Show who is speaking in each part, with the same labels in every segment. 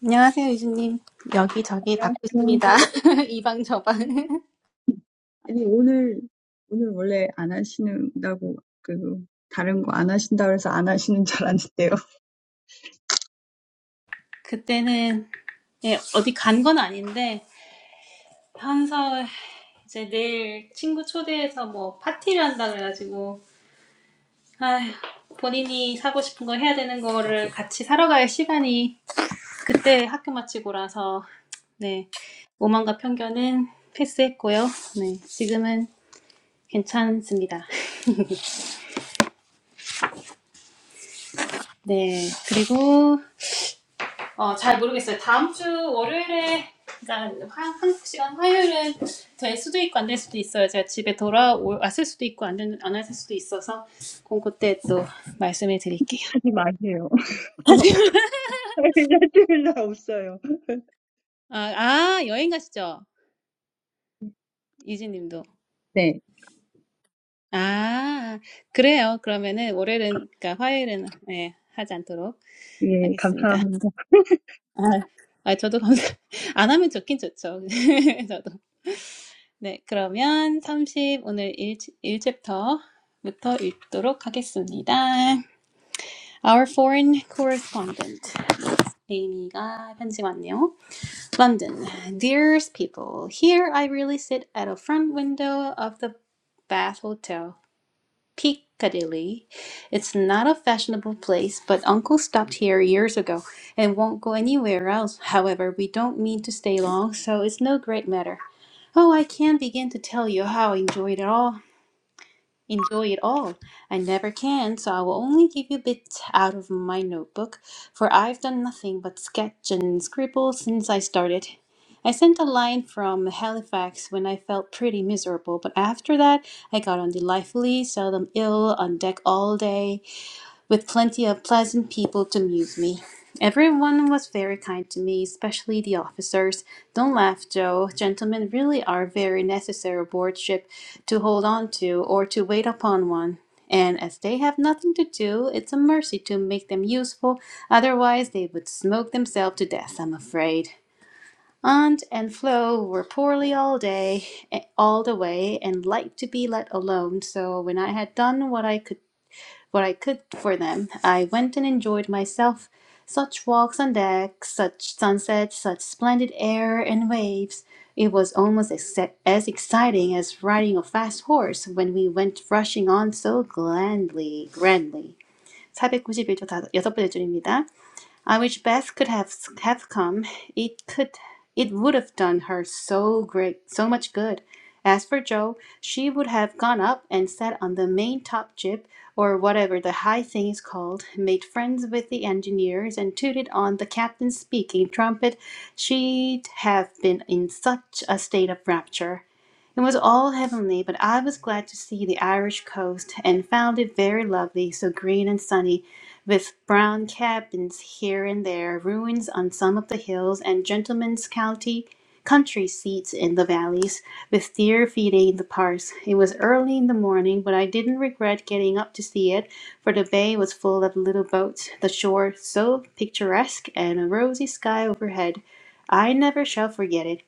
Speaker 1: 안녕하세요, 유진님. 여기저기 받고
Speaker 2: Today,
Speaker 1: 있습니다. 이방 저방.
Speaker 2: today, originally, don't do that. That other don't do that. So don't do that. I don't do that. Don't
Speaker 1: 그때는 예, 어디 간 건 아닌데 현서 이제 내일 친구 초대해서 뭐 파티를 한다 그래가지고 아휴, 본인이 사고 싶은 거 해야 되는 거를 같이 사러 갈 시간이 그때 학교 마치고라서 네 오만과 편견은 패스했고요. 네 지금은 괜찮습니다. 네 그리고 어, 잘 모르겠어요. 다음 주 월요일에, 그러니까 한, 한국 시간 화요일은 될 수도 있고 안 될 수도 있어요. 제가 집에 돌아왔을 수도 있고 안, 된, 안 왔을 수도 있어서 그 그때 또 말씀해 드릴게요.
Speaker 2: do that.
Speaker 1: 아, 아 여행 가시죠? 유진님도. 아, 그래요. 그러면은 월요일은, 그러니까 화요일은 네, 하지 않도록 하겠습니다. 아, 아 저도 감사, 안 하면 좋긴 좋죠. 저도. 네, 그러면 삼십 오늘 일 1챕터부터 읽도록 하겠습니다. Our foreign correspondent Amy가 편지 왔네요. London, dearest people, here I really sit at a front window of the Bath Hotel. Piccadilly. It's not a fashionable place, but Uncle stopped here years ago and won't go anywhere else. However, we don't mean to stay long, so it's no great matter. Oh, I can't begin to tell you how I enjoyed it all. Enjoy it all. I never can, so I will only give you bits out of my notebook, for I've done nothing but sketch and scribble since I started. I sent a line from Halifax when I felt pretty miserable, but after that I got on delightfully, seldom ill, on deck all day with plenty of pleasant people to amuse me. Everyone was very kind to me, especially the officers. Don't laugh, Joe. Gentlemen really are very necessary aboard ship to hold on to or to wait upon one. And as they have nothing to do, it's a mercy to make them useful. Otherwise, they would smoke themselves to death, I'm afraid. Aunt and Flo were poorly all day, eh, all the way, and liked to be let alone. So when I had done what I could what I could for them. I went and enjoyed myself. Such walks on deck, such sunsets, such splendid air and waves. It was almost ex- as exciting as riding a fast horse when we went rushing on so grandly, grandly. 491쪽 다, 여섯 번째 줄입니다. I wish Beth could have have come. It could it would have done her so great so much good. As for Joe, she would have gone up and sat on the main top jib, or whatever the high thing is called, made friends with the engineers, and tooted on the captain's speaking trumpet. She'd have been in such a state of rapture. It was all heavenly, but I was glad to see the Irish coast, and found it very lovely, so green and sunny, with brown cabins here and there, ruins on some of the hills, and gentlemen's county country seats in the valleys, with deer feeding in the parks. It was early in the morning, but I didn't regret getting up to see it, for the bay was full of little boats, the shore so picturesque, and a rosy sky overhead. I never shall forget it.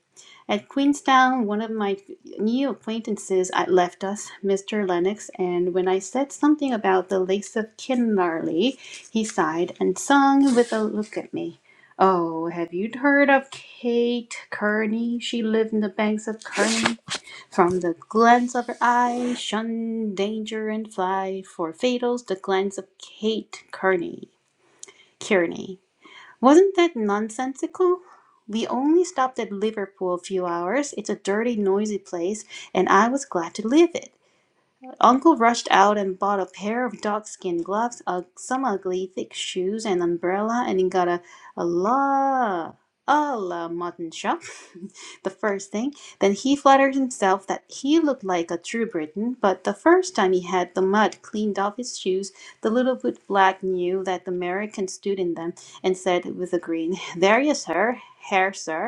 Speaker 1: At Queenstown, one of my new acquaintances uh, left us, Mr. Lennox, and when I said something about the lakes of Kinlarly, he sighed and sung with a look at me. Oh, have you heard of Kate Kearney? She lived in the banks of Kearney. From the glance of her eye, shun danger and fly, for fatal's the glance of Kate Kearney. Kearney. Wasn't that nonsensical? We only stopped at Liverpool a few hours. It's a dirty, noisy place, and I was glad to leave it. Uncle rushed out and bought a pair of dog-skin gloves, uh, some ugly thick shoes, an umbrella, and he got a, a la a la mutton chop. the first thing. Then he flattered himself that he looked like a true Briton, but the first time he had the mud cleaned off his shoes, the little bootblack knew that the American stood in them and said with a grin, "There you sir, here sir."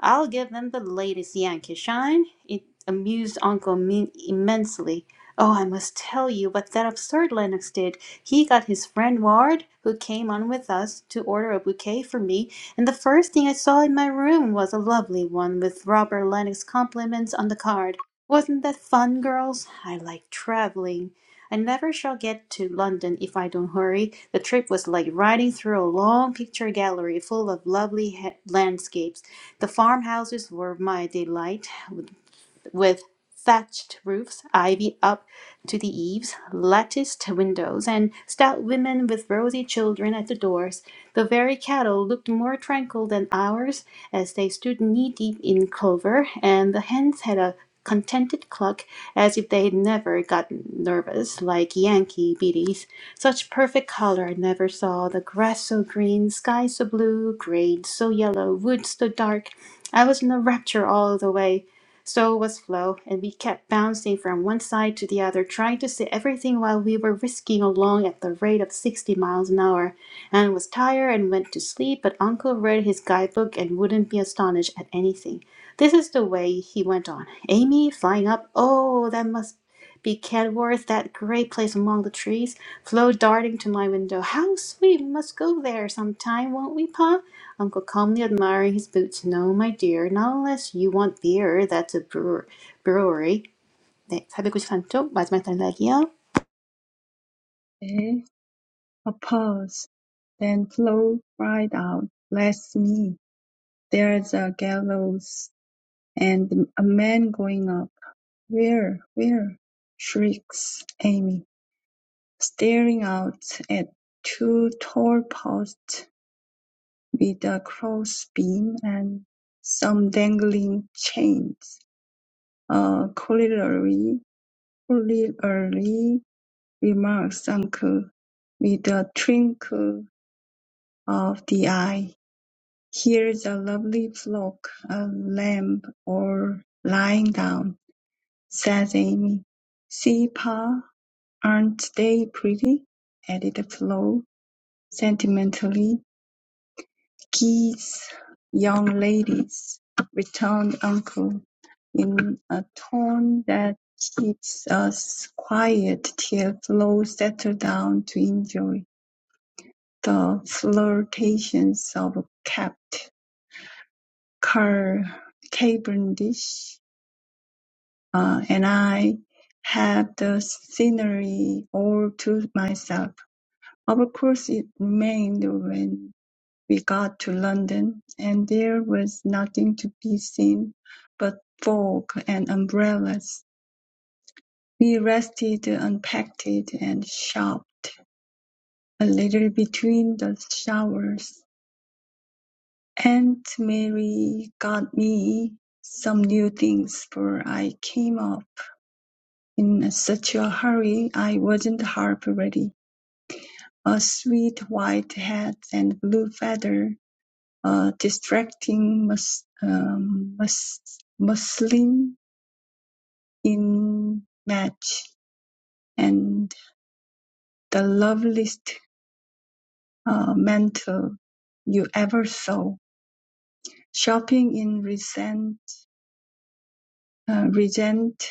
Speaker 1: I'll give them the latest Yankee shine. It amused Uncle Min immensely. Oh, I must tell you what that absurd Lennox did. He got his friend Ward, who came on with us, to order a bouquet for me, and the first thing I saw in my room was a lovely one with Robert Lennox's compliments on the card. Wasn't that fun, girls? I like traveling. I never shall get to London if I don't hurry. The trip was like riding through a long picture gallery full of lovely landscapes. The farmhouses were my delight with thatched roofs, ivy up to the eaves, latticed windows, and stout women with rosy children at the doors. The very cattle looked more tranquil than ours as they stood knee deep in clover, and the hens had a contented cluck as if they had never gotten nervous like Yankee biddies. Such perfect color I never saw. The grass so green, sky so blue, grain so yellow, woods so dark. I was in a rapture all the way so was Flo, and we kept bouncing from one side to the other, trying to see everything while we were whisking along at the rate of 60 miles an hour, and was tired and went to sleep, but Uncle read his guidebook and wouldn't be astonished at anything. This is the way he went on. Amy flying up, oh, that must be Kenworth, that great place among the trees. Flo darting to my window, how sweet, we must go there sometime, won't we, Pa? Uncle calmly admiring his boots. No, my dear, not unless you want beer. That's a brewer, brewery. 네, 493쪽 마지막 단락이요.
Speaker 2: There is a gallows and a man going up. Where? Where? shrieks Amy, staring out at two tall posts with a crossbeam and some dangling chains. Uh, corollary, corollary remarks Uncle, with a twinkle of the eye. Here's a lovely flock, a lamb, all lying down. says Amy. "See, pa, aren't they pretty?" added Flo, sentimentally. "Geese, young ladies," returned Uncle, in a tone that keeps us quiet till Flo settled down to enjoy the flirtations of Capt. Car- Cavendish. uh, and I had the scenery all to myself. Of course, it remained when we got to London, and there was nothing to be seen but fog and umbrellas. We rested, unpacked, and shopped a little between the showers. Aunt Mary got me some new things, for I came off. In such a hurry I wasn't half ready. A sweet white hat and blue feather, a distracting mus- um, mus- muslin in match, and the loveliest uh, mantle you ever saw. Shopping in Regent, uh, Regent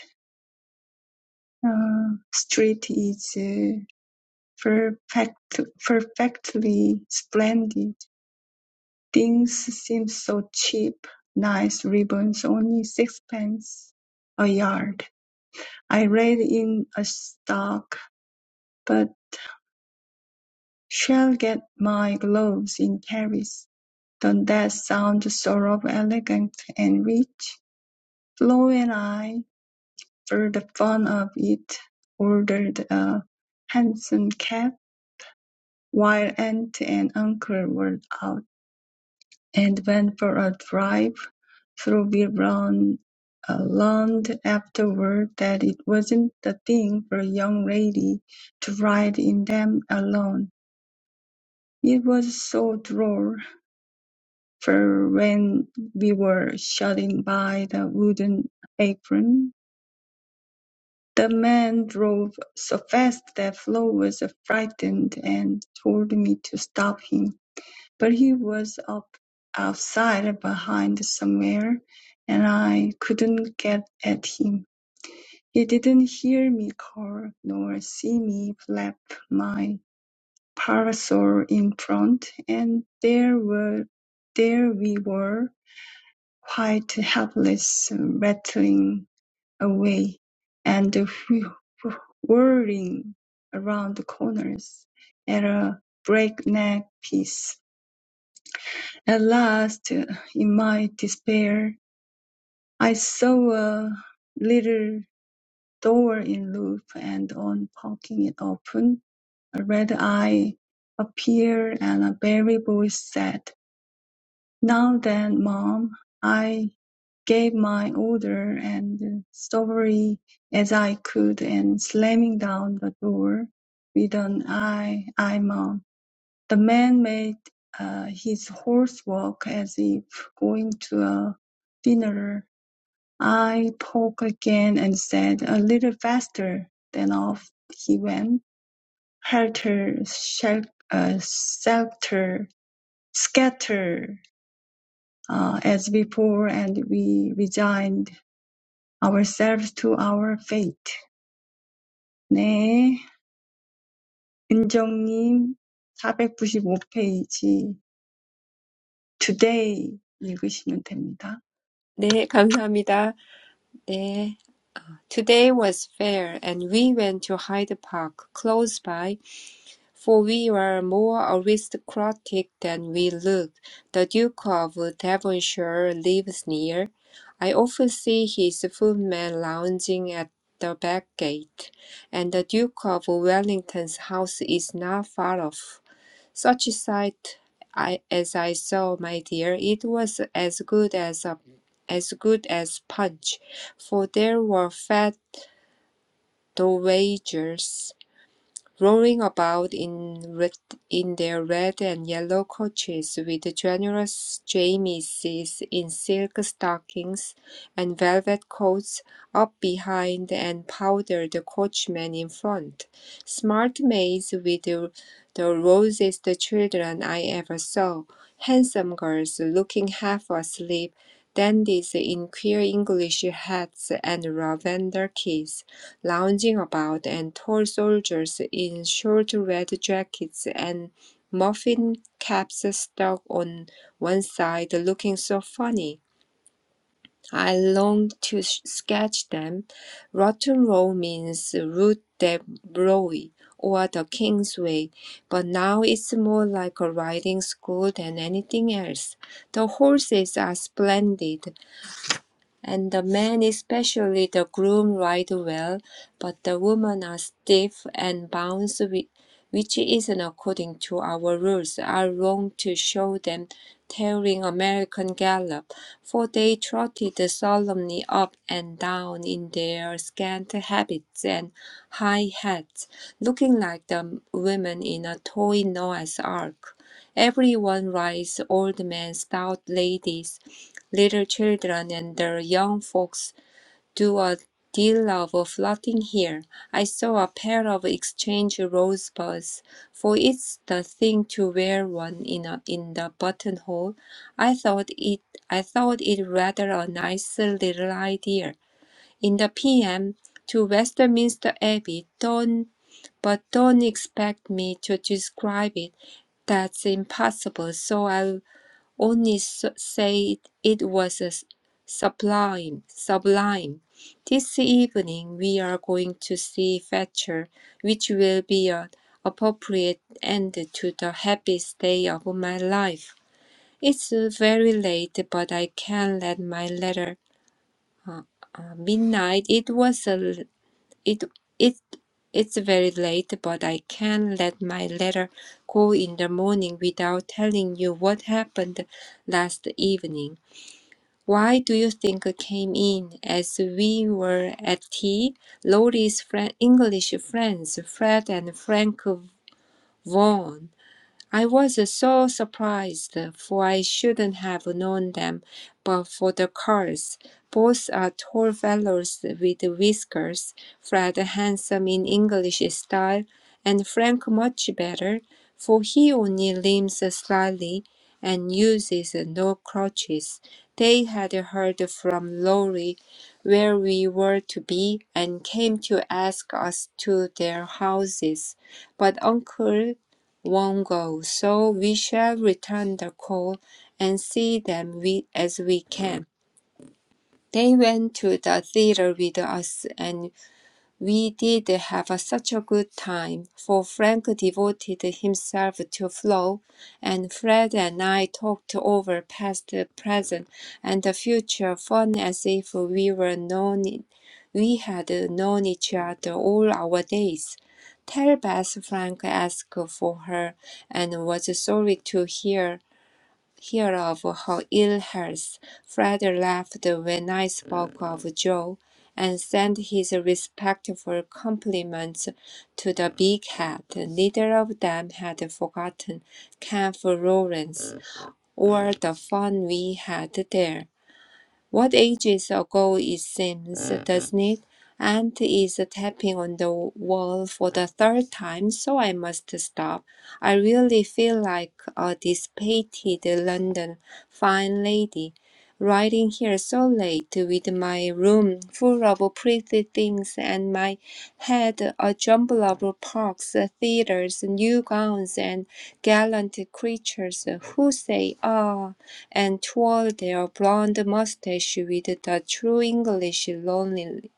Speaker 2: uh, Street is uh, perfect, perfectly splendid Things seemed so cheap, nice ribbons only sixpence a yard. I rake in a stock, but shall get my gloves in Paris. Don't that sound sort of elegant and rich? Flo and I, for the fun of it, ordered a hansom cab while aunt and uncle were out. and went for a drive through Bill Brown, uh, learned afterward that it wasn't the thing for a young lady to ride in them alone. It was so droll, for when we were shut in by the wooden apron, the man drove so fast that Flo was frightened and told me to stop him. but he was up outside behind somewhere and I couldn't get at him. He didn't hear me call nor see me flap my parasol in front, and there were there we were, quite helpless, rattling away and wh- whirling around the corners at a breakneck pace At last, in my despair, I saw a little door in loop, and on poking it open, a red eye appeared and a baby voice said, Now then, mom, I gave my order and stubbornly as I could and slamming down the door with an I, I mom. The man made uh, his horse walk as if going to a dinner. I spoke again and said, "A little faster." Then off he went, helter shel- uh, skelter, scatter uh, as before, and we resigned ourselves to our fate. 네, 은정님 495 페이지 today 읽으시면 됩니다.
Speaker 3: 네, 감사합니다. 네. Today was fair, and we went to Hyde Park, close by, for we were more aristocratic than we looked. The Duke of Devonshire lives near. I often see his footmen lounging at the back gate, and the Duke of Wellington's house is not far off. Such a sight I as I saw, my dear, it was as good as a as good as punch, for there were fat dowagers rolling about in red, in their red and yellow coaches with generous Jamieses in silk stockings and velvet coats up behind and powdered coachmen in front, smart maids with the, the rosiest children I ever saw, handsome girls looking half asleep, dandies in queer English hats and lavender keys lounging about, and tall soldiers in short red jackets and muffin caps stuck on one side looking so funny. I longed to sketch them. Rotten Row means Rue de Broye or the King's Way, but now it's more like a riding school than anything else. The horses are splendid, and the men, especially the groom, ride well, but the women are stiff and bounce, which isn't according to our rules. Are wrong to show them tearing American gallop, for they trotted solemnly up and down in their scant habits and high hats, looking like the women in a toy Noah's ark. Everyone rides old men, stout ladies, Little children and the young folks do a deal of flirting here. I saw a pair of exchange rosebuds, for it's the thing to wear one in a, in the buttonhole. I thought it I thought it rather a nice little idea. In the PM to Westminster Abbey, don't but don't expect me to describe it. That's impossible. So I'll only s- said it was a sublime, sublime. This evening we are going to see Fetcher, which will be an appropriate end to the happiest day of my life. It's uh, very late, but I can let my letter. Uh, midnight. It was a. It it. It's very late, but I can let my letter go in the morning without telling you what happened last evening. Why do you think I came in as we were at tea? Laurie's friend, English friends, Fred and Frank Vaughan. I was so surprised, for I shouldn't have known them but for the curls. Both are tall fellows with whiskers, Fred handsome in English style, and Frank much better, for he only limps slightly and uses no crutches. They had heard from Lorry where we were to be and came to ask us to their houses, but Uncle won't go, so we shall return the call and see them we, as we can. They went to the theater with us, and. We did have such a good time, for Frank devoted himself to Flo, and Fred and I talked over past, present, and the future fun as if we were known, we had known each other all our days. Tell Beth Frank asked for her and was sorry to hear hear of her ill health, Fred laughed when I spoke of Joe, and sent his respectful compliments to the big hat. Neither of them had forgotten Camp Lawrence or the fun we had there. What ages ago it seems, hmm doesn't it? Aunt is tapping on the wall for the third time, so I must stop. I really feel like a dissipated London fine lady, riding here so late with my room full of pretty things and my head a jumble of parks, theatres, new gowns, and gallant creatures who say, ah and twirl their blond mustache with the true English lonely,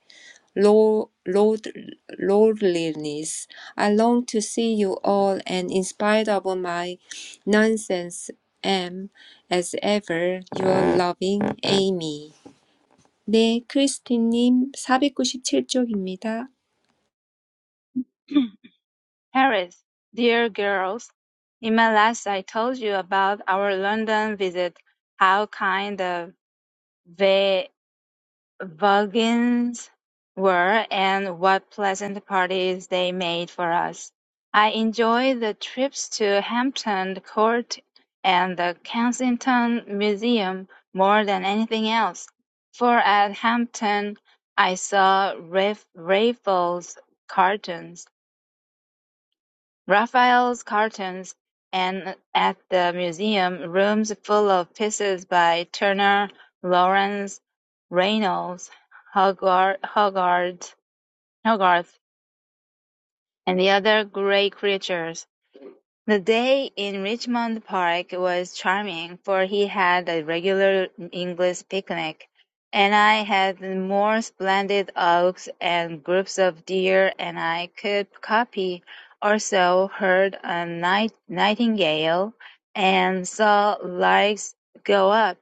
Speaker 3: lo- lord- lordliness. I long to see you all, and in spite of my nonsense, am, as ever, your loving Amy. 네, 크리스티님 497쪽입니다.
Speaker 4: Harris, dear girls, in my last I told you about our London visit, how kind the va- vagins were and what pleasant parties they made for us. I enjoyed the trips to Hampton Court and the Kensington Museum more than anything else, for at Hampton I saw Raf- Raffles cartoons Raphael's cartoons, and at the museum, rooms full of pieces by Turner, Lawrence, Reynolds, Hogarth, Hogarth, and the other great creators. The day in Richmond Park was charming, for he had a regular English picnic, and I had more splendid oaks and groups of deer, and I could copy also heard a night nightingale and saw larks go up.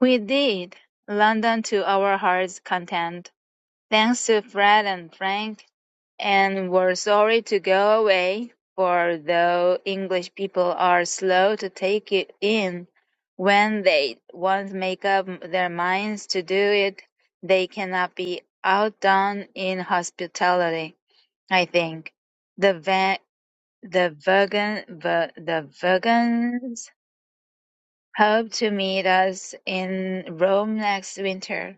Speaker 4: We did London to our heart's content. Thanks to Fred and Frank, and we're sorry to go away, for though English people are slow to take it in, when they once make up their minds to do it, they cannot be outdone in hospitality, I think. The va- the vegan the, the vegans hope to meet us in Rome next winter.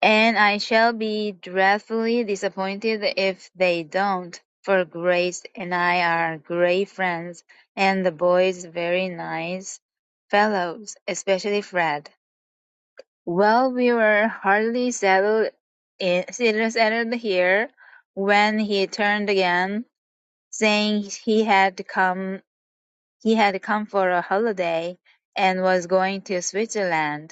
Speaker 4: And I shall be dreadfully disappointed if they don't, for Grace and I are great friends, and the boys very nice fellows, especially Fred. Well, we were hardly settled, in, settled here when he turned again, saying he had come he had come for a holiday and was going to Switzerland.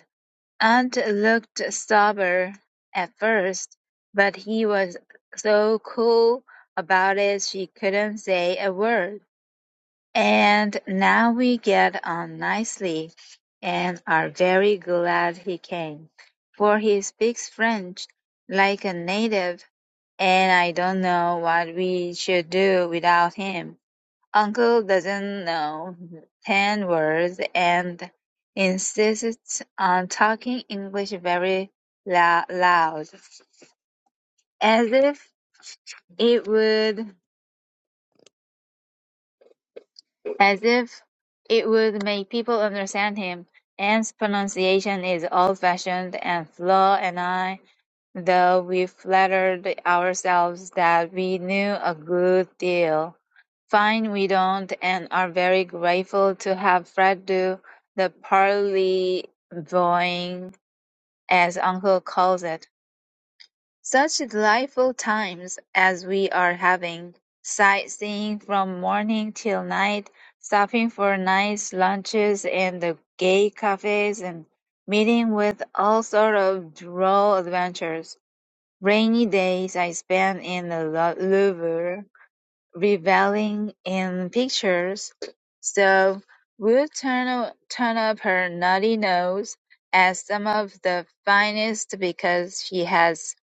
Speaker 4: Aunt looked sober at first, but he was so cool about it she couldn't say a word. And now we get on nicely, and are very glad he came, for he speaks French like a native, and I don't know what we should do without him. Uncle doesn't know ten words and insists on talking English very lou- loud, as if it would as if it would make people understand him. Anne's pronunciation is old-fashioned and slow, and I though we flattered ourselves that we knew a good deal. Find we don't, and are very grateful to have Fred do the parleyvoying, as Uncle calls it. Such delightful times as we are having, sightseeing from morning till night, stopping for nice lunches in the gay cafes, and meeting with all sort of droll adventures. Rainy days I spend in the Lou- Louvre, reveling in pictures. So would turn o- turn up her nutty nose at some of the finest because she has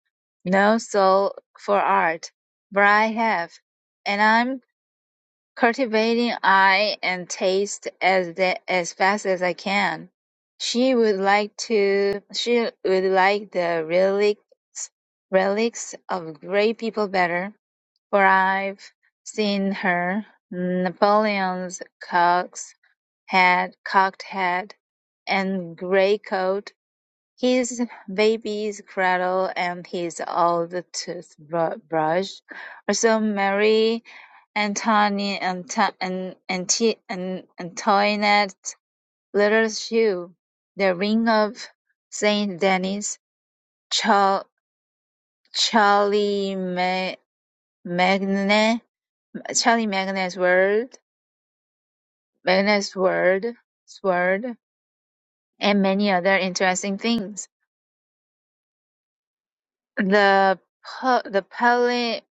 Speaker 4: no soul for art, but I have, and I'm Cultivating eye and taste as the, as fast as I can. She would like to she would like the relics relics of great people better, for I've seen her Napoleon's cock's head cocked head and grey coat his baby's cradle and his old toothbrush also Marie Antoine Anto- An- Anti- An- Antoinette little shoe, the ring of Saint Denis, Char- Charlie Ma- Magne, Charlie Magne's word, Magne's word, sword, and many other interesting things. The pu- the pali-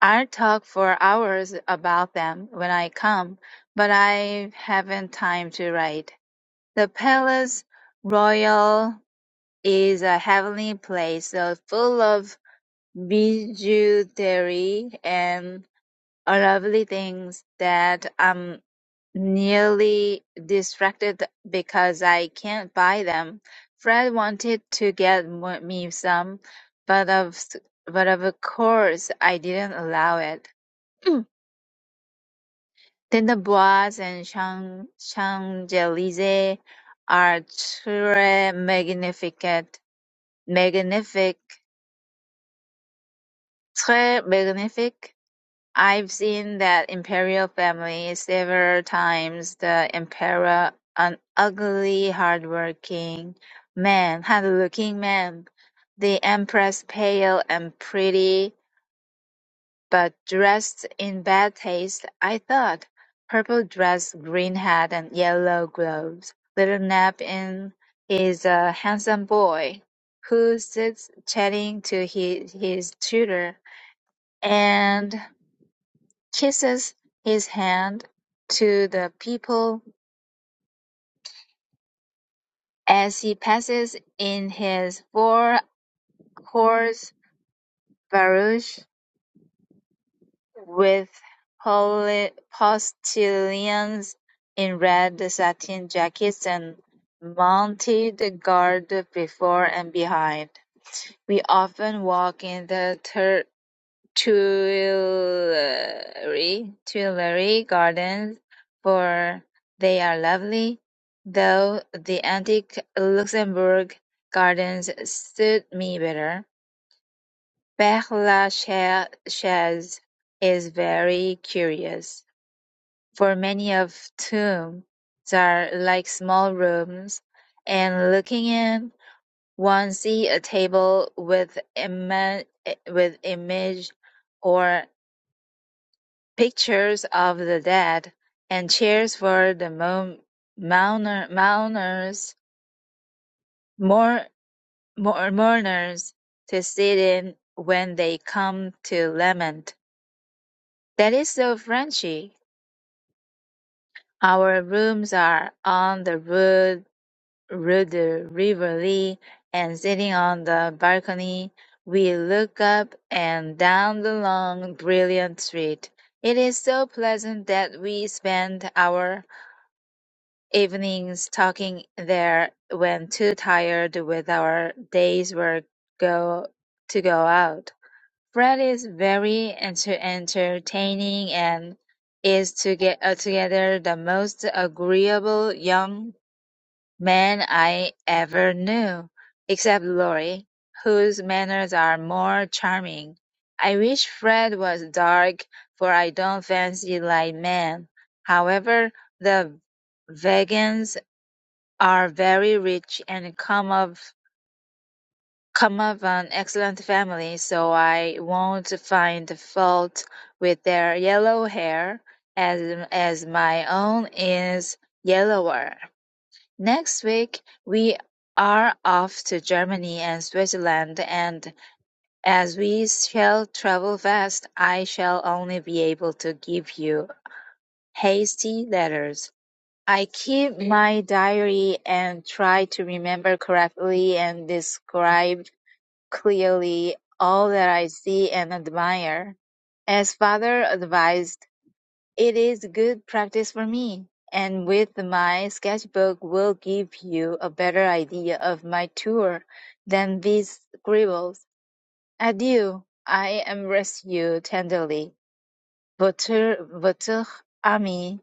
Speaker 4: I'll talk for hours about them when I come, but I haven't time to write. The palace Royal is a heavenly place, so full of bijouterie and lovely things that I'm nearly distracted because I can't buy them. Fred wanted to get mo- me some, but of, but of course I didn't allow it. Then the Bois and Champ- Champs-Élysées are très magnifiques. Magnifique. Très magnifique. I've seen that imperial family several times. The emperor, an ugly, hardworking man, hard-looking man. The empress, pale and pretty But dressed in bad taste, I thought: purple dress, green hat and yellow gloves. Little nap is a handsome boy, who sits chatting to his, his tutor, and kisses his hand to the people as he passes in his four-horse barouche. with poli- postilions in red satin jackets and mounted guard before and behind. We often walk in the Tur- Tuileries Tuileries Gardens, for they are lovely, though the antique Luxembourg Gardens suit me better. Père Lachaise is very curious. For many of whom they are like small rooms, and looking in, one sees a table with ima- eh, with image or pictures of the dead, and chairs for the mo- mourner- mourners, mour- mour- mourners to sit in when they come to lament. That is so Frenchy. Our rooms are on the roof Rudder River Lee, and sitting on the balcony, we look up and down the long, brilliant street. It is so pleasant that we spend our evenings talking there when too tired with our day's work go to go out. Fred is very enter- entertaining and is to get uh, together the most agreeable young man I ever knew, except Lorry, whose manners are more charming. I wish Fred was dark, for I don't fancy light men. However, the Vegans are very rich and come of come of an excellent family, so I won't find fault with their yellow hair, as as my own is yellower. Next week we are off to Germany and Switzerland and as we shall travel fast, I shall only be able to give you hasty letters. I keep my diary and try to remember correctly and describe clearly all that I see and admire. As father advised, it is good practice for me, and with my sketchbook will give you a better idea of my tour than these scribbles. Adieu. I embrace you tenderly. Votre, votre ami.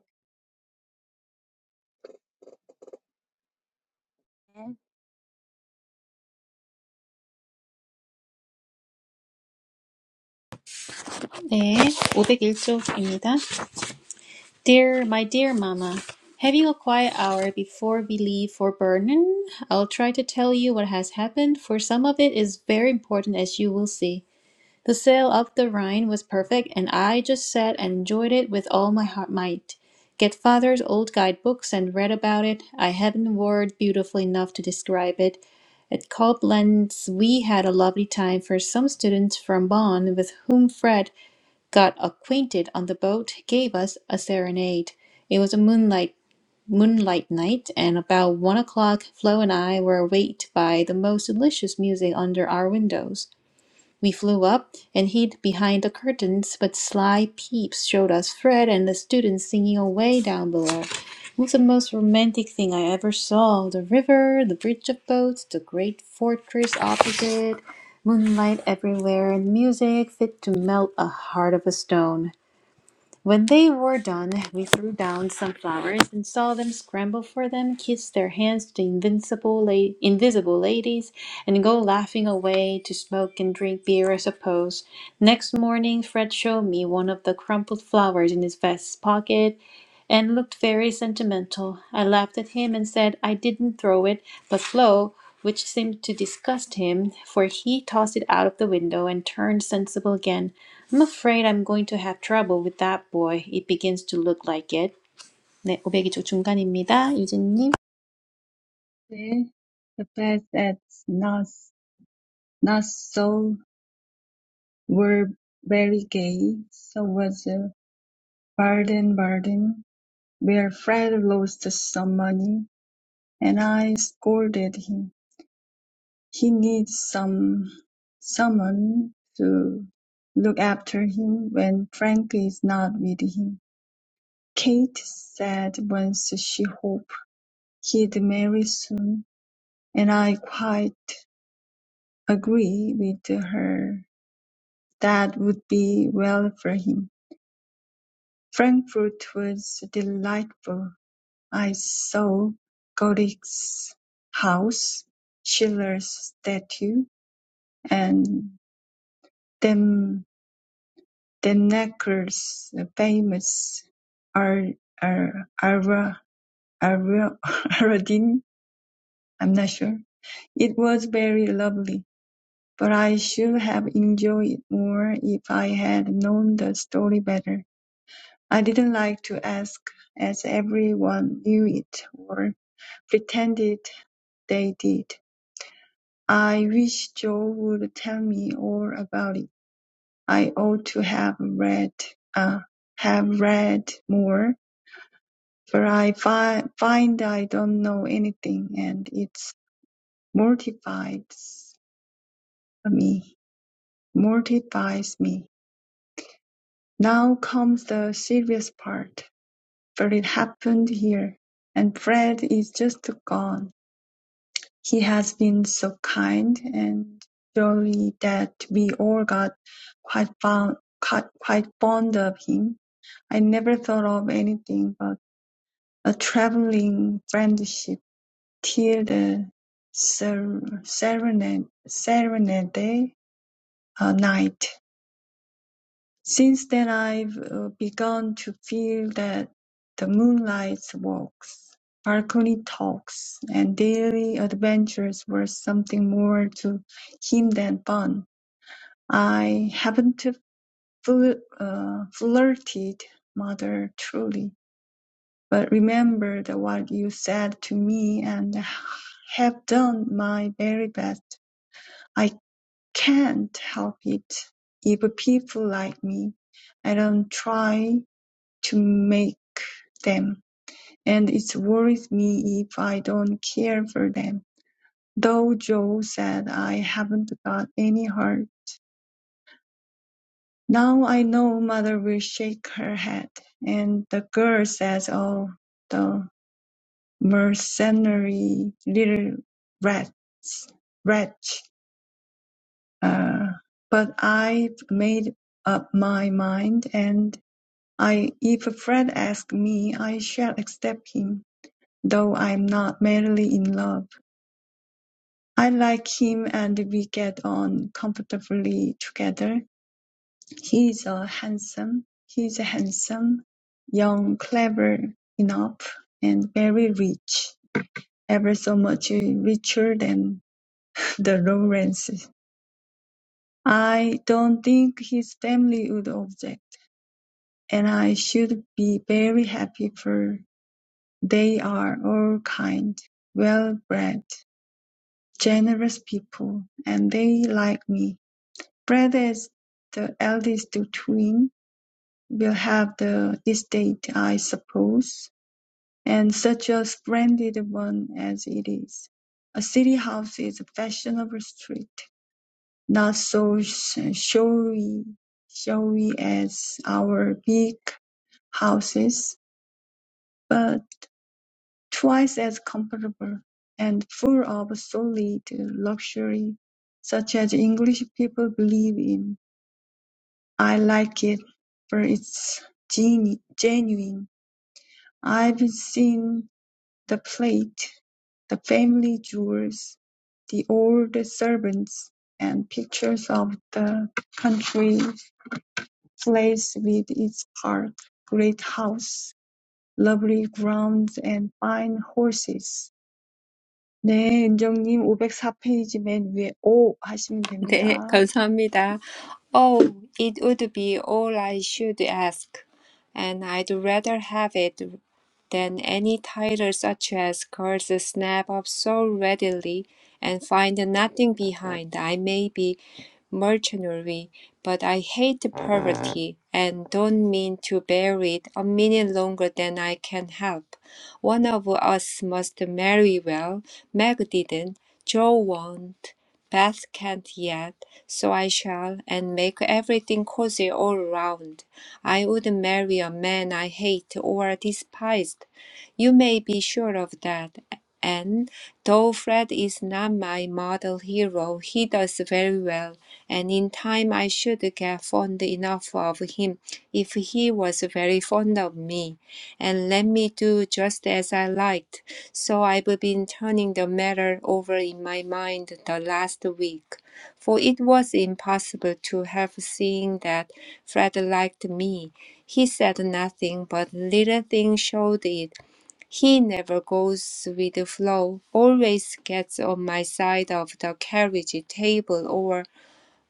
Speaker 1: 네, 501쪽입니다. Dear, my dear mama, having a quiet hour before we leave for Berlin, I'll try to tell you what has happened, for some of it is very important as you will see. The sail up the Rhine was perfect, and I just sat and enjoyed it with all my heart might. Get father's old guidebooks and read about it. I haven't word beautiful enough to describe it. At Coblenz we had a lovely time for some students from Bonn with whom Fred got acquainted on the boat gave us a serenade. It was a moonlight moonlight night, and about one o'clock Flo and I were waked by the most delicious music under our windows. We flew up and hid behind the curtains, but sly peeps showed us Fred and the students singing away down below. It was the most romantic thing I ever saw. The river, the bridge of boats, the great fortress opposite, moonlight everywhere, and music fit to melt a heart of a stone. When they were done, we threw down some flowers and saw them scramble for them, kiss their hands to the invincible la- invisible ladies, and go laughing away to smoke and drink beer, I suppose. Next morning, Fred showed me one of the crumpled flowers in his vest pocket and looked very sentimental. I laughed at him and said I didn't throw it, but Flo, which seemed to disgust him, for he tossed it out of the window and turned sensible again. I'm afraid I'm going to have trouble with that boy. It begins to look like it. 네, 오백이 쪽 중간입니다. 유진님.
Speaker 2: the fact that not so were very gay, so was a Baden Baden, where Fred lost some money, and I scolded him. He needs some someone to look after him when Frank is not with him. Kate said once she hoped he'd marry soon, and I quite agree with her That would be well for him. Frankfurt was delightful. I saw Goethe's house, Schiller's statue, and Dem- Demnäcker's famous Ar- Ar- Ar- Ar- Ardennes. I'm not sure. It was very lovely, but I should have enjoyed it more if I had known the story better. I didn't like to ask, as everyone knew it or pretended they did. I wish Joe would tell me all about it. I ought to have read, uh, have read more, for I fi- find I don't know anything, and it mortifies me. Mortifies me. Now comes the serious part, for it happened here, and Fred is just gone. He has been so kind and jolly that we all got quite fond, quite, fond of him. I never thought of anything but a traveling friendship till the ser- serenade, serenade eh, uh, night. Since then I've uh, begun to feel that the moonlight walks, balcony talks, and daily adventures were something more to him than fun. I haven't fl- uh, flirted, mother, truly, but remembered what you said to me and have done my very best. I can't help it if people like me. I don't try to make them, and it worries me if I don't care for them. Though Joe said I haven't got any heart. Now I know mother will shake her head, and the girl says, oh, the mercenary little rats, wretch. Uh, but I've made up my mind, and I, if Fred asks me, I shall accept him. though I'm not merely in love. I like him and we get on comfortably together. He's a handsome, he's handsome, young, clever enough, and very rich, ever so much richer than the Lawrences. I don't think his family would object, and I should be very happy for they are all kind, well bred, generous people, and they like me. Brother is the eldest twin, will have the estate, I suppose, and such a splendid one as it is. A city house is a fashionable street, not so showy, showy as our big houses, but Twice as comfortable, and full of solid luxury, such as English people believe in. I like it, for it's genu- genuine. I've seen the plate, the family jewels, the old servants, and pictures of the country place with its park, great house, lovely grounds, and fine horses. 네, 은정님 오백사 페이지 맨 위에 오 하시면
Speaker 3: 네,
Speaker 2: 됩니다.
Speaker 3: 감사합니다. Oh, it would be all I should ask, and I'd rather have it than any title such as girls snap up so readily and find nothing behind. I may be mercenary, but I hate poverty and don't mean to bear it a minute longer than I can help. One of us must marry well. Meg didn't, Joe won't, Beth can't yet, so I shall, and make everything cozy all round. I would marry a man I hate or despised. You may be sure of that. And though Fred is not my model hero, he does very well and in time I should get fond enough of him if he was very fond of me, and let me do just as I liked. So I've been turning the matter over in my mind the last week, for it was impossible to help seeing that Fred liked me. He said nothing, but little things showed it. He never goes with the flow, always gets on my side of the carriage table or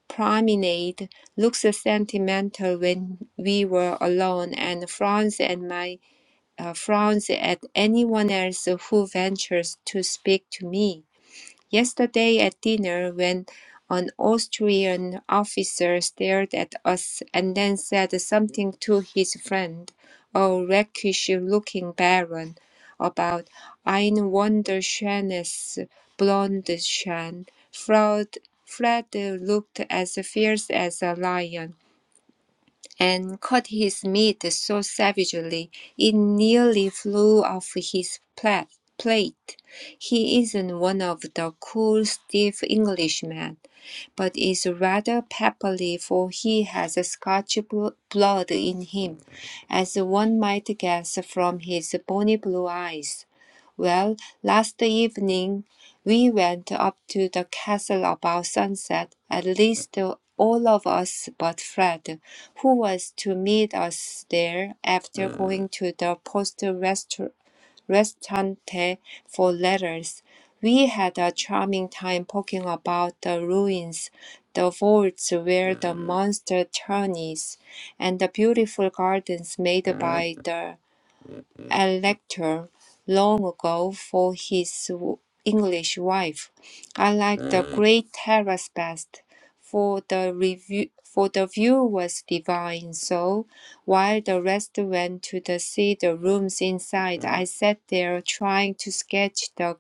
Speaker 3: promenade looks sentimental when we were alone and frowns at my uh, frowns at anyone else who ventures to speak to me. Yesterday at dinner, when an Austrian officer stared at us and then said something to his friend, a rakish looking baron, about Ein wunderschönes Blondchen, Fred, Fred looked as fierce as a lion and cut his meat so savagely it nearly flew off his pla- plate. He isn't one of the cool, stiff Englishmen but is rather peppery, for he has Scotch bl- blood in him, as one might guess from his bonny blue eyes. Well, last evening we went up to the castle about sunset, at least all of us but Fred, who was to meet us there after going to the post restaur- restante for letters. We had a charming time poking about the ruins, the vaults where the monster turned is, and the beautiful gardens made by the a lecture long ago for his English wife. I liked the Great Terrace best, for the review for the view was divine. So while the rest went to the see the rooms inside, I sat there trying to sketch the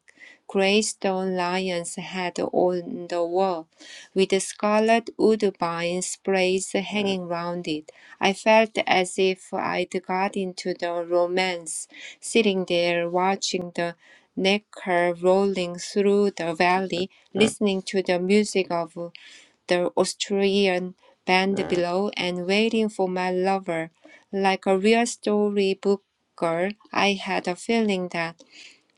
Speaker 3: grey stone lion's head on the wall with scarlet woodbine sprays hanging round it. I felt as if I'd got into the romance, sitting there watching the Neckar rolling through the valley, listening to the music of the Austrian band below and waiting for my lover. Like a real storybook girl, I had a feeling that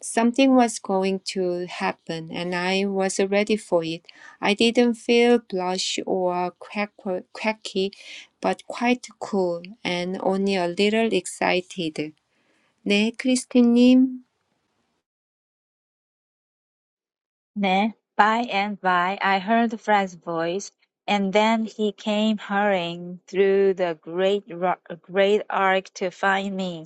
Speaker 3: Something was going to happen, and I was ready for it. I didn't feel blush or quack, quacky, but quite cool and only a little excited. 네, 크리스틴님.
Speaker 4: Ne? By and by I heard Fred's voice, and then he came hurrying through the great, great arc to find me.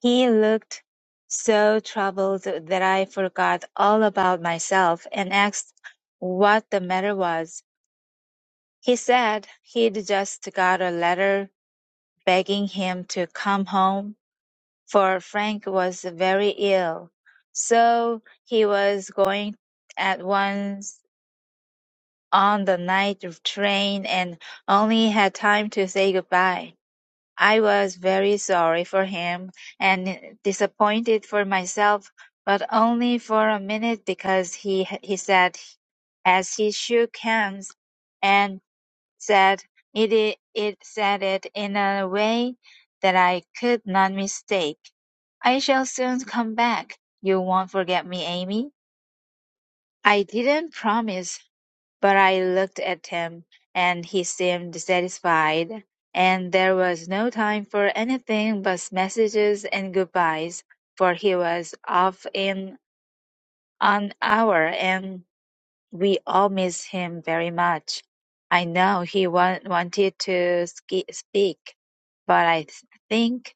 Speaker 4: He looked so troubled that I forgot all about myself and asked what the matter was. He said he'd just got a letter begging him to come home, for Frank was very ill. So he was going at once on the night train and only had time to say goodbye. I was very sorry for him and disappointed for myself, but only for a minute because he he said as he shook hands and said it i- it said it in a way that I could not mistake. I shall soon come back. You won't forget me, Amy. I didn't promise but I looked at him, and he seemed satisfied, and there was no time for anything but messages and goodbyes, for he was off in an hour, and we all missed him very much. I know he wa- wanted to ski- speak, but I th- think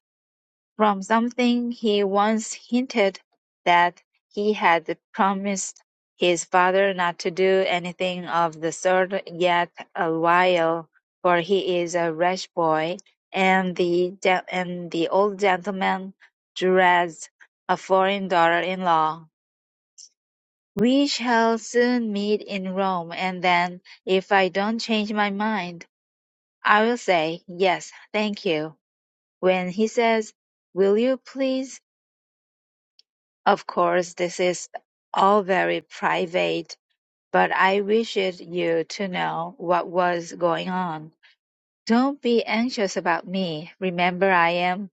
Speaker 4: from something he once hinted that he had promised his father not to do anything of the sort yet awhile, for he is a rash boy, and the gen- and the old gentleman dreads a foreign daughter-in-law. We shall soon meet in Rome, and then, if I don't change my mind, I will say yes, thank you. When he says, "Will you please?" Of course this is all very private, but I wished you to know what was going on. Don't be anxious about me. Remember I am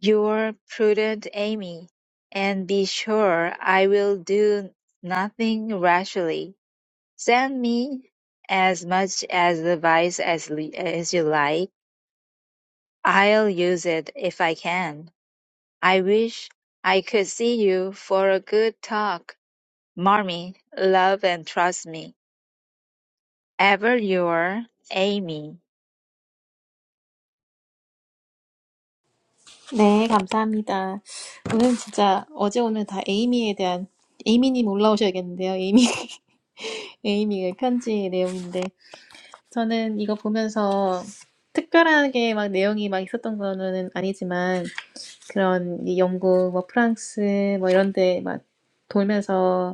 Speaker 4: your prudent Amy, and be sure I will do nothing rashly. Send me as much as advice as, li- as you like. I'll use it if I can. I wish I could see you for a good talk. Mommy, love and trust me. Ever your Amy.
Speaker 1: 네, 감사합니다. 오늘 진짜 어제 오늘 다 에이미에 대한 에이미님 올라오셔야겠는데요. 에이미, 에이미의 편지 내용인데 저는 이거 보면서 특별하게 막 내용이 막 있었던 거는 아니지만 그런 이 영국, 뭐 프랑스 뭐 이런데 막 돌면서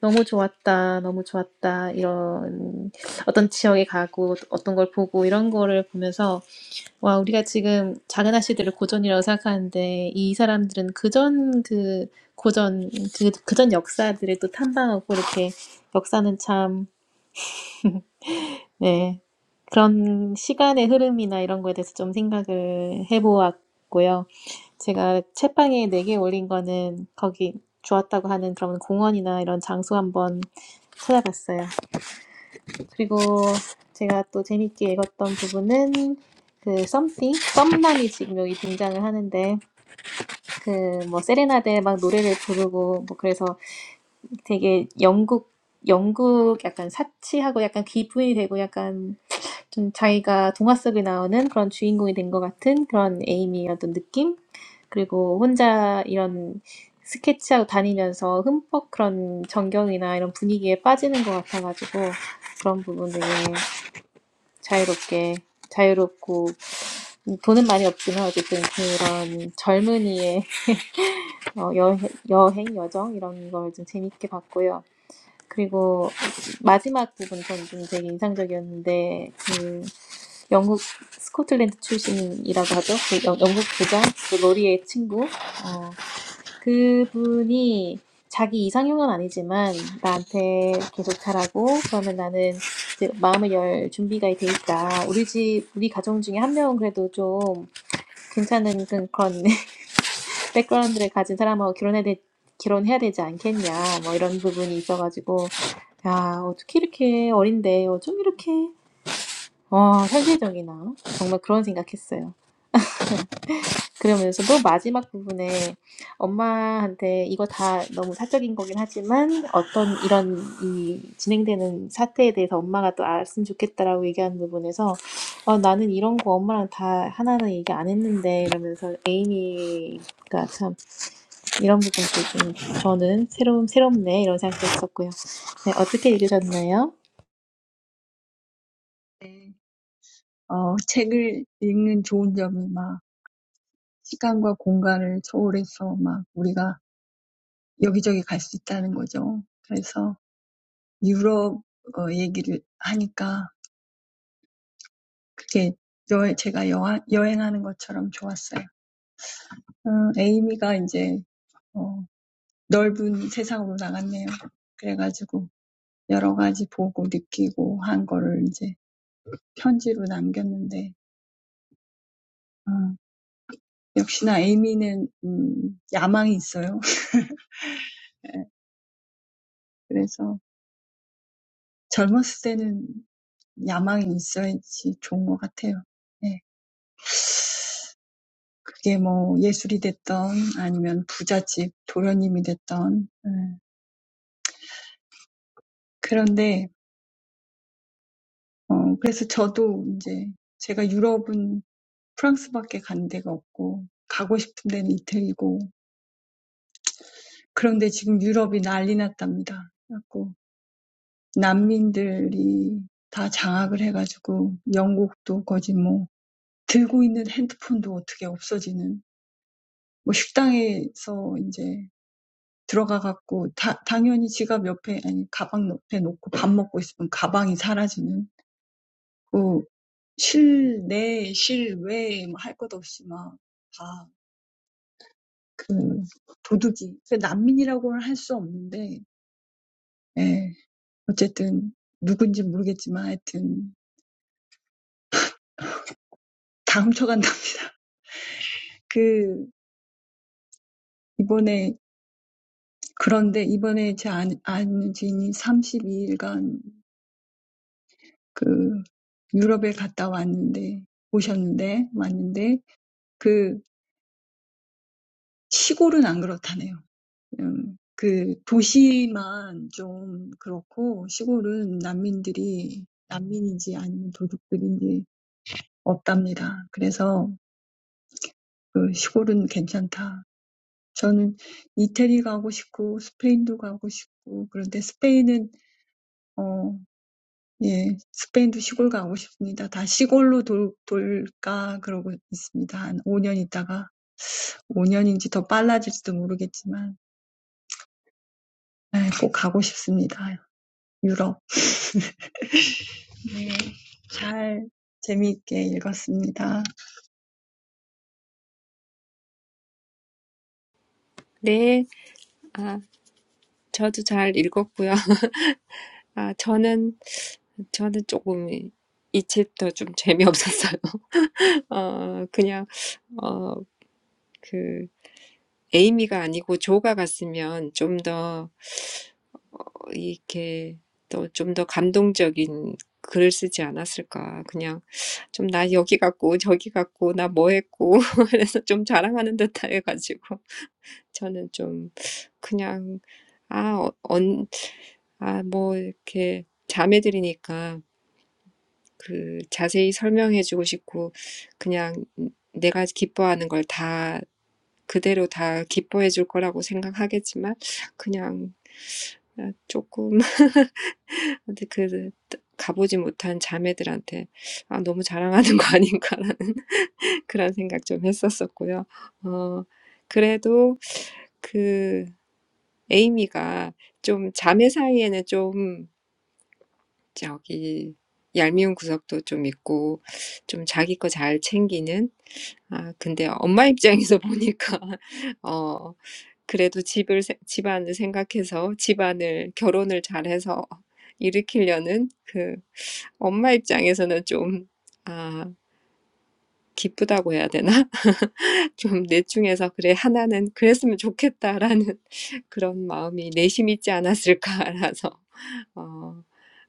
Speaker 1: 너무 좋았다, 너무 좋았다, 이런 어떤 지역에 가고 어떤 걸 보고 이런 거를 보면서 와, 우리가 지금 작은 아씨들을 고전이라고 생각하는데 이 사람들은 그전 그 고전, 그, 그전 역사들을 또 탐방하고 이렇게 역사는 참, 네, 그런 시간의 흐름이나 이런 거에 대해서 좀 생각을 해보았고요. 제가 책방에 네개 올린 거는 거기 좋았다고 하는 그런 공원이나 이런 장소 한번 찾아봤어요. 그리고 제가 또 재밌게 읽었던 부분은 그 something, 썸남이 지금 여기 등장을 하는데 그 뭐 세레나데 막 노래를 부르고 뭐 그래서 되게 영국 영국 약간 사치하고 약간 기분이 되고 약간 좀 자기가 동화 속에 나오는 그런 주인공이 된 것 같은 그런 에이미의 어떤 느낌 그리고 혼자 이런 스케치하고 다니면서 흠뻑 그런 전경이나 이런 분위기에 빠지는 것 같아가지고 그런 부분 되게 자유롭게, 자유롭고, 돈은 많이 없지만 어쨌든 그런 젊은이의 어, 여, 여행, 여정 이런 걸 좀 재밌게 봤고요. 그리고 마지막 부분 전좀 되게 인상적이었는데, 그 영국 스코틀랜드 출신이라고 하죠. 그 영- 영국 부장, 그 로리의 친구, 어, 그분이 자기 이상형은 아니지만 나한테 계속 잘하고 그러면 나는 이제 마음을 열 준비가 돼 있다. 우리 집 우리 가정 중에 한 명은 그래도 좀 괜찮은 그런 백그라운드를 가진 사람하고 결혼해야 되, 결혼해야 되지 않겠냐. 뭐 이런 부분이 있어가지고 야 어떻게 이렇게 어린데 어쩜 이렇게 와 현실적이나 정말 그런 생각했어요. 그러면서도 마지막 부분에 엄마한테 이거 다 너무 사적인 거긴 하지만 어떤 이런 이 진행되는 사태에 대해서 엄마가 또 알았으면 좋겠다라고 얘기하는 부분에서 어, 나는 이런 거 엄마랑 다 하나는 얘기 안 했는데 이러면서 에이미가 참 이런 부분도 좀 저는 새로운 새롭네 이런 생각도 했었고요. 네, 어떻게 읽으셨나요?
Speaker 2: 네. 어, 책을 읽는 좋은 점이 막 시간과 공간을 초월해서 막 우리가 여기저기 갈 수 있다는 거죠. 그래서 유럽 어, 얘기를 하니까 그게 여, 제가 여하, 여행하는 것처럼 좋았어요. 음, 에이미가 이제 어, 넓은 세상으로 나갔네요. 그래가지고 여러 가지 보고 느끼고 한 거를 이제 편지로 남겼는데 역시나 에이미는 음, 야망이 있어요. 그래서 젊었을 때는 야망이 있어야지 좋은 것 같아요. 네. 그게 뭐 예술이 됐던 아니면 부잣집 도련님이 됐던 네. 그런데 어 그래서 저도 이제 제가 유럽은 프랑스밖에 간 데가 없고 가고 싶은 데는 이태리고 그런데 지금 유럽이 난리 났답니다. 그래갖고 난민들이 다 장악을 해가지고 영국도 거의 뭐 Delving into the phone, how does it disappear? In a restaurant, now entering, of course, the wallet next to the bag, put the bag next to the bag, eating, the bag disappears. Inside, outside, nothing to do, all that theft. So, refugees cannot be called. Yes, anyway, who knows, but anyway, everything is stolen. That this time, but this time, my friend Anjin, 32 days. 그 유럽에 갔다 왔는데 오셨는데 왔는데 그 시골은 안 그렇다네요. 음, 그 도시만 좀 그렇고 시골은 난민들이 난민인지 아니면 도둑들인지 없답니다. 그래서 그 시골은 괜찮다. 저는 이태리 가고 싶고 스페인도 가고 싶고 그런데 스페인은 어 예, 스페인도 시골 가고 싶습니다. 다 시골로 돌, 돌까 그러고 있습니다. 한 5년 있다가 오 년인지 더 빨라질지도 모르겠지만 네, 꼭 가고 싶습니다. 유럽. 네, 잘 재미있게 읽었습니다.
Speaker 3: 네, 아, 저도 잘 읽었고요. 아, 저는, 저는 조금 이 챕터 좀 재미없었어요. 어, 그냥, 어, 그, 에이미가 아니고 조가 갔으면 좀더 이렇게 또좀더 감동적인 글을 쓰지 않았을까. 그냥 좀나 여기 갔고 저기 갔고 나뭐 했고 그래서 좀 자랑하는 듯 해가지고 저는 좀 그냥 아, 어, 언, 아, 뭐 이렇게 자매들이니까 그 자세히 설명해주고 싶고 그냥 내가 기뻐하는 걸다 그대로 다 기뻐해줄 거라고 생각하겠지만 그냥 조금 근데 그 가보지 못한 자매들한테 아, 너무 자랑하는 거 아닌가라는 그런 생각 좀 했었었고요. 어, 그래도 그 에이미가 좀 자매 사이에는 좀 저기 얄미운 구석도 좀 있고 좀 자기 거 잘 챙기는 아 근데 엄마 입장에서 보니까 어 그래도 집을 세- 집안을 생각해서 집안을 결혼을 잘해서 일으키려는 그 엄마 입장에서는 좀, 아, 기쁘다고 해야 되나? 좀 넷 중에서 그래, 하나는 그랬으면 좋겠다라는 그런 마음이 내심 있지 않았을까라서. 어,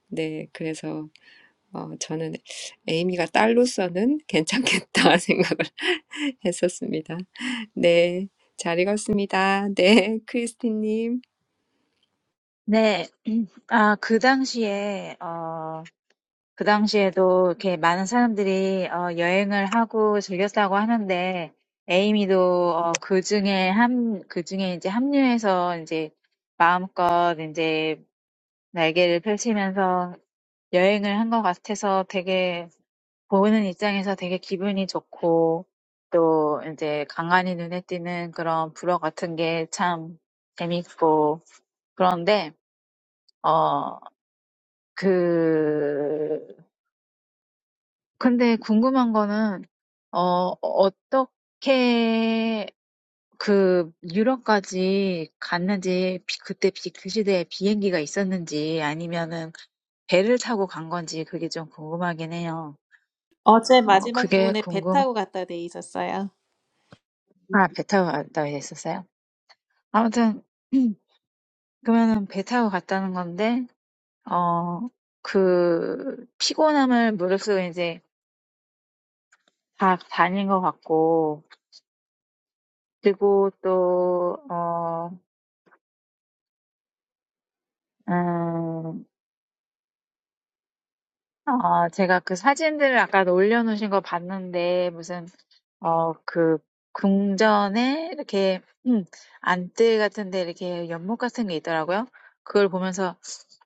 Speaker 3: 네, 그래서 어, 저는 에이미가 딸로서는 괜찮겠다 생각을 했었습니다. 네, 잘 읽었습니다. 네, 크리스티님.
Speaker 4: 네, 아, 그 당시에, 어, 그 당시에도 이렇게 많은 사람들이 어, 여행을 하고 즐겼다고 하는데, 에이미도 어, 그 중에 함, 그 중에 이제 합류해서 이제 마음껏 이제 날개를 펼치면서 여행을 한 것 같아서 되게 보는 입장에서 되게 기분이 좋고 또 이제 간간히 눈에 띄는 그런 불어 같은 게참 재밌고 그런데 어, 그 근데 궁금한 거는 어, 어떻게 그 유럽까지 갔는지 비- 그때 비, 그 시대에 비행기가 있었는지 아니면은 배를 타고 간 건지 그게 좀 궁금하긴 해요.
Speaker 1: 어제
Speaker 4: 어,
Speaker 1: 마지막
Speaker 4: 그게
Speaker 1: 부분에 배
Speaker 4: 궁금,
Speaker 1: 타고 갔다 돼 있었어요.
Speaker 4: 아, 배 타고 갔다 했었어요? 아무튼 그러면은 배 타고 갔다는 건데 어 그 피곤함을 무릅쓰고 이제 다 다닌 것 같고 그리고 또 어, 음, 어, 제가 그 사진들을 아까 올려놓으신 거 봤는데 무슨 어, 그 궁전에 이렇게 음, 안뜰 같은데 이렇게 연못 같은 게 있더라고요. 그걸 보면서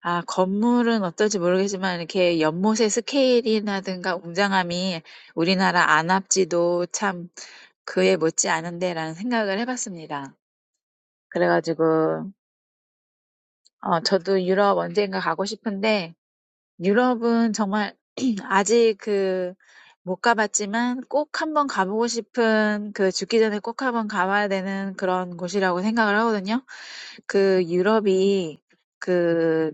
Speaker 4: 아, 건물은 어떨지 모르겠지만 이렇게 연못의 스케일이라든가 웅장함이 우리나라 안압지도 참 그에 못지 않은데라는 생각을 해봤습니다. 그래가지고 어, 저도 유럽 언젠가 가고 싶은데 유럽은 정말 아직 그 못 가봤지만 꼭 한번 가보고 싶은 그 죽기 전에 꼭 한번 가봐야 되는 그런 곳이라고 생각을 하거든요. 그 유럽이 그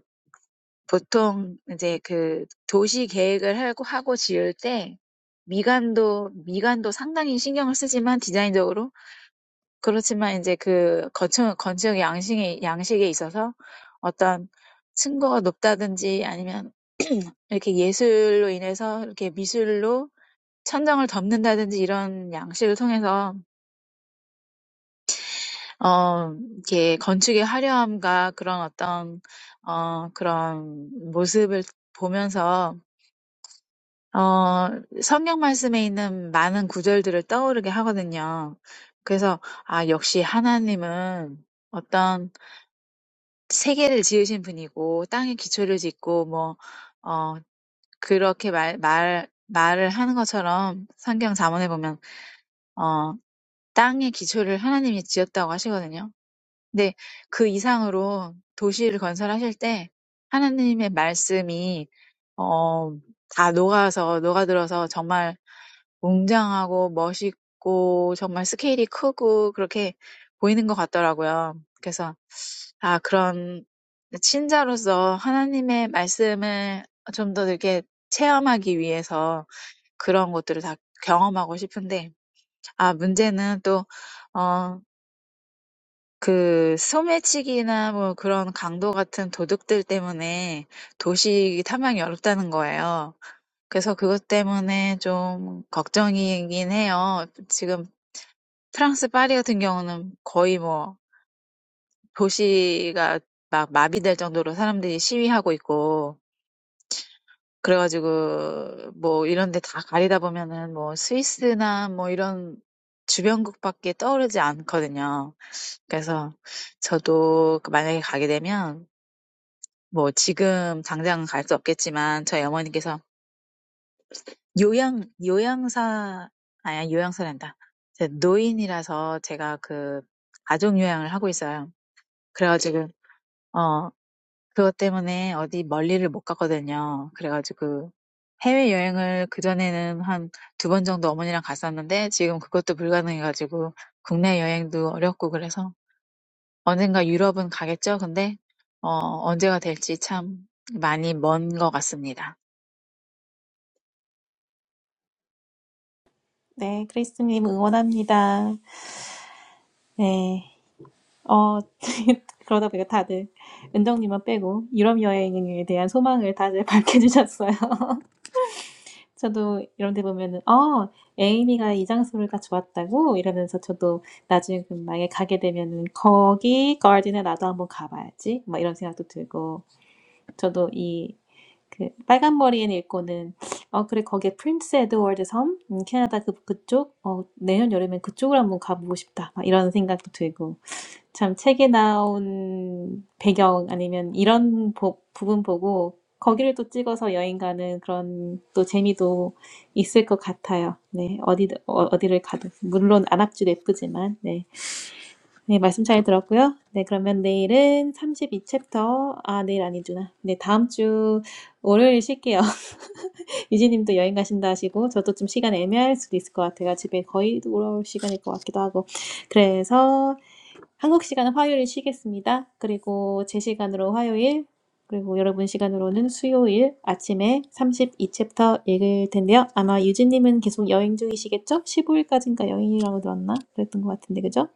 Speaker 4: 보통 이제 그 도시 계획을 하고 하고 지을 때 미관도 미관도 상당히 신경을 쓰지만 디자인적으로 그렇지만 이제 그 건축 건축 양식에 양식에 있어서 어떤 층고가 높다든지 아니면 이렇게 예술로 인해서 이렇게 미술로 천장을 덮는다든지 이런 양식을 통해서 어 이렇게 건축의 화려함과 그런 어떤 어 그런 모습을 보면서 어 성경 말씀에 있는 많은 구절들을 떠오르게 하거든요. 그래서 아 역시 하나님은 어떤 세계를 지으신 분이고 땅에 기초를 짓고 뭐 어, 그렇게 말, 말, 말을 하는 것처럼 성경 잠언에 보면 어, 땅의 기초를 하나님이 지었다고 하시거든요. 근데 그 이상으로 도시를 건설하실 때 하나님의 말씀이 어, 다 녹아서 녹아들어서 정말 웅장하고 멋있고 정말 스케일이 크고 그렇게 보이는 것 같더라고요. 그래서 아 그런 신자로서 하나님의 말씀을 좀더 이렇게 체험하기 위해서 그런 것들을 다 경험하고 싶은데 아 문제는 또 그 소매치기나 뭐 그런 강도 같은 도둑들 때문에 도시 탐방이 어렵다는 거예요. 그래서 그것 때문에 좀 걱정이긴 해요. 지금 프랑스 파리 같은 경우는 거의 뭐 도시가 막 마비될 정도로 사람들이 시위하고 있고 그래가지고 뭐 이런 데다 가리다 보면은 뭐 스위스나 뭐 이런 주변국밖에 떠오르지 않거든요. 그래서 저도 그 만약에 가게 되면 뭐 지금 당장 갈 수 없겠지만 저희 어머니께서 요양 요양사 아니 요양사란다. 제 노인이라서 제가 그 가족 요양을 하고 있어요. 그래가지고 어 그것 때문에 어디 멀리를 못 갔거든요. 그래가지고 해외 여행을 그 전에는 한 두 번 정도 어머니랑 갔었는데 지금 그것도 불가능해가지고 국내 여행도 어렵고 그래서 언젠가 유럽은 가겠죠. 근데 어 언제가 될지 참 많이 먼것 같습니다.
Speaker 1: 네, 크리스님 응원합니다. 네. 어, 그러다 보니까 다들 은정님만 빼고 유럽 여행에 대한 소망을 다들 밝혀주셨어요. 저도 이런 데 보면은, 어, 에이미가 이 장소가 좋았다고 이러면서 저도 나중에 그 만약에 가게 되면은 거기 가든에 나도 한번 가봐야지. 막 이런 생각도 들고, 저도 이, 그 빨간 머리엔 읽고는 어 그래 거기에 프린스 에드워드 섬 음, 캐나다 그 그쪽 어 내년 여름엔 그쪽을 한번 가보고 싶다 막 이런 생각도 들고 참 책에 나온 배경 아니면 이런 부, 부분 보고 거기를 또 찍어서 여행 가는 그런 또 재미도 있을 것 같아요. 네, 어디 어, 어디를 가든 물론 안압지도 예쁘지만 네, 네 말씀 잘 들었고요. 네, 그러면 내일은 삼십이 챕터 아 내일 아니구나. 네, 다음 주 월요일 쉴게요. 이지님도 여행 가신다 하시고 저도 좀 시간 애매할 수도 있을 것 같아요. 집에 거의 돌아올 시간일 것 같기도 하고 그래서 한국 시간은 화요일 쉬겠습니다. 그리고 제 시간으로 화요일, 그리고 여러분 시간으로는 수요일 아침에 삼십이 챕터 읽을 텐데요. 아마 유진님은 계속 여행 중이시겠죠? 15일까지인가 여행이라고 들었나? 그랬던 것 같은데, 그죠?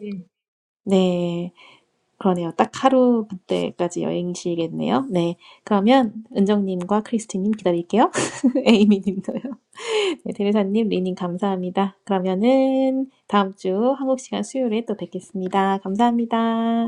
Speaker 2: 예.
Speaker 1: 네, 그러네요. 딱 하루 그때까지 여행이시겠네요. 네, 그러면 은정님과 크리스티님 기다릴게요. 에이미님도요. 네, 대리사님, 리님 감사합니다. 그러면은 다음 주 한국 시간 수요일에 또 뵙겠습니다. 감사합니다.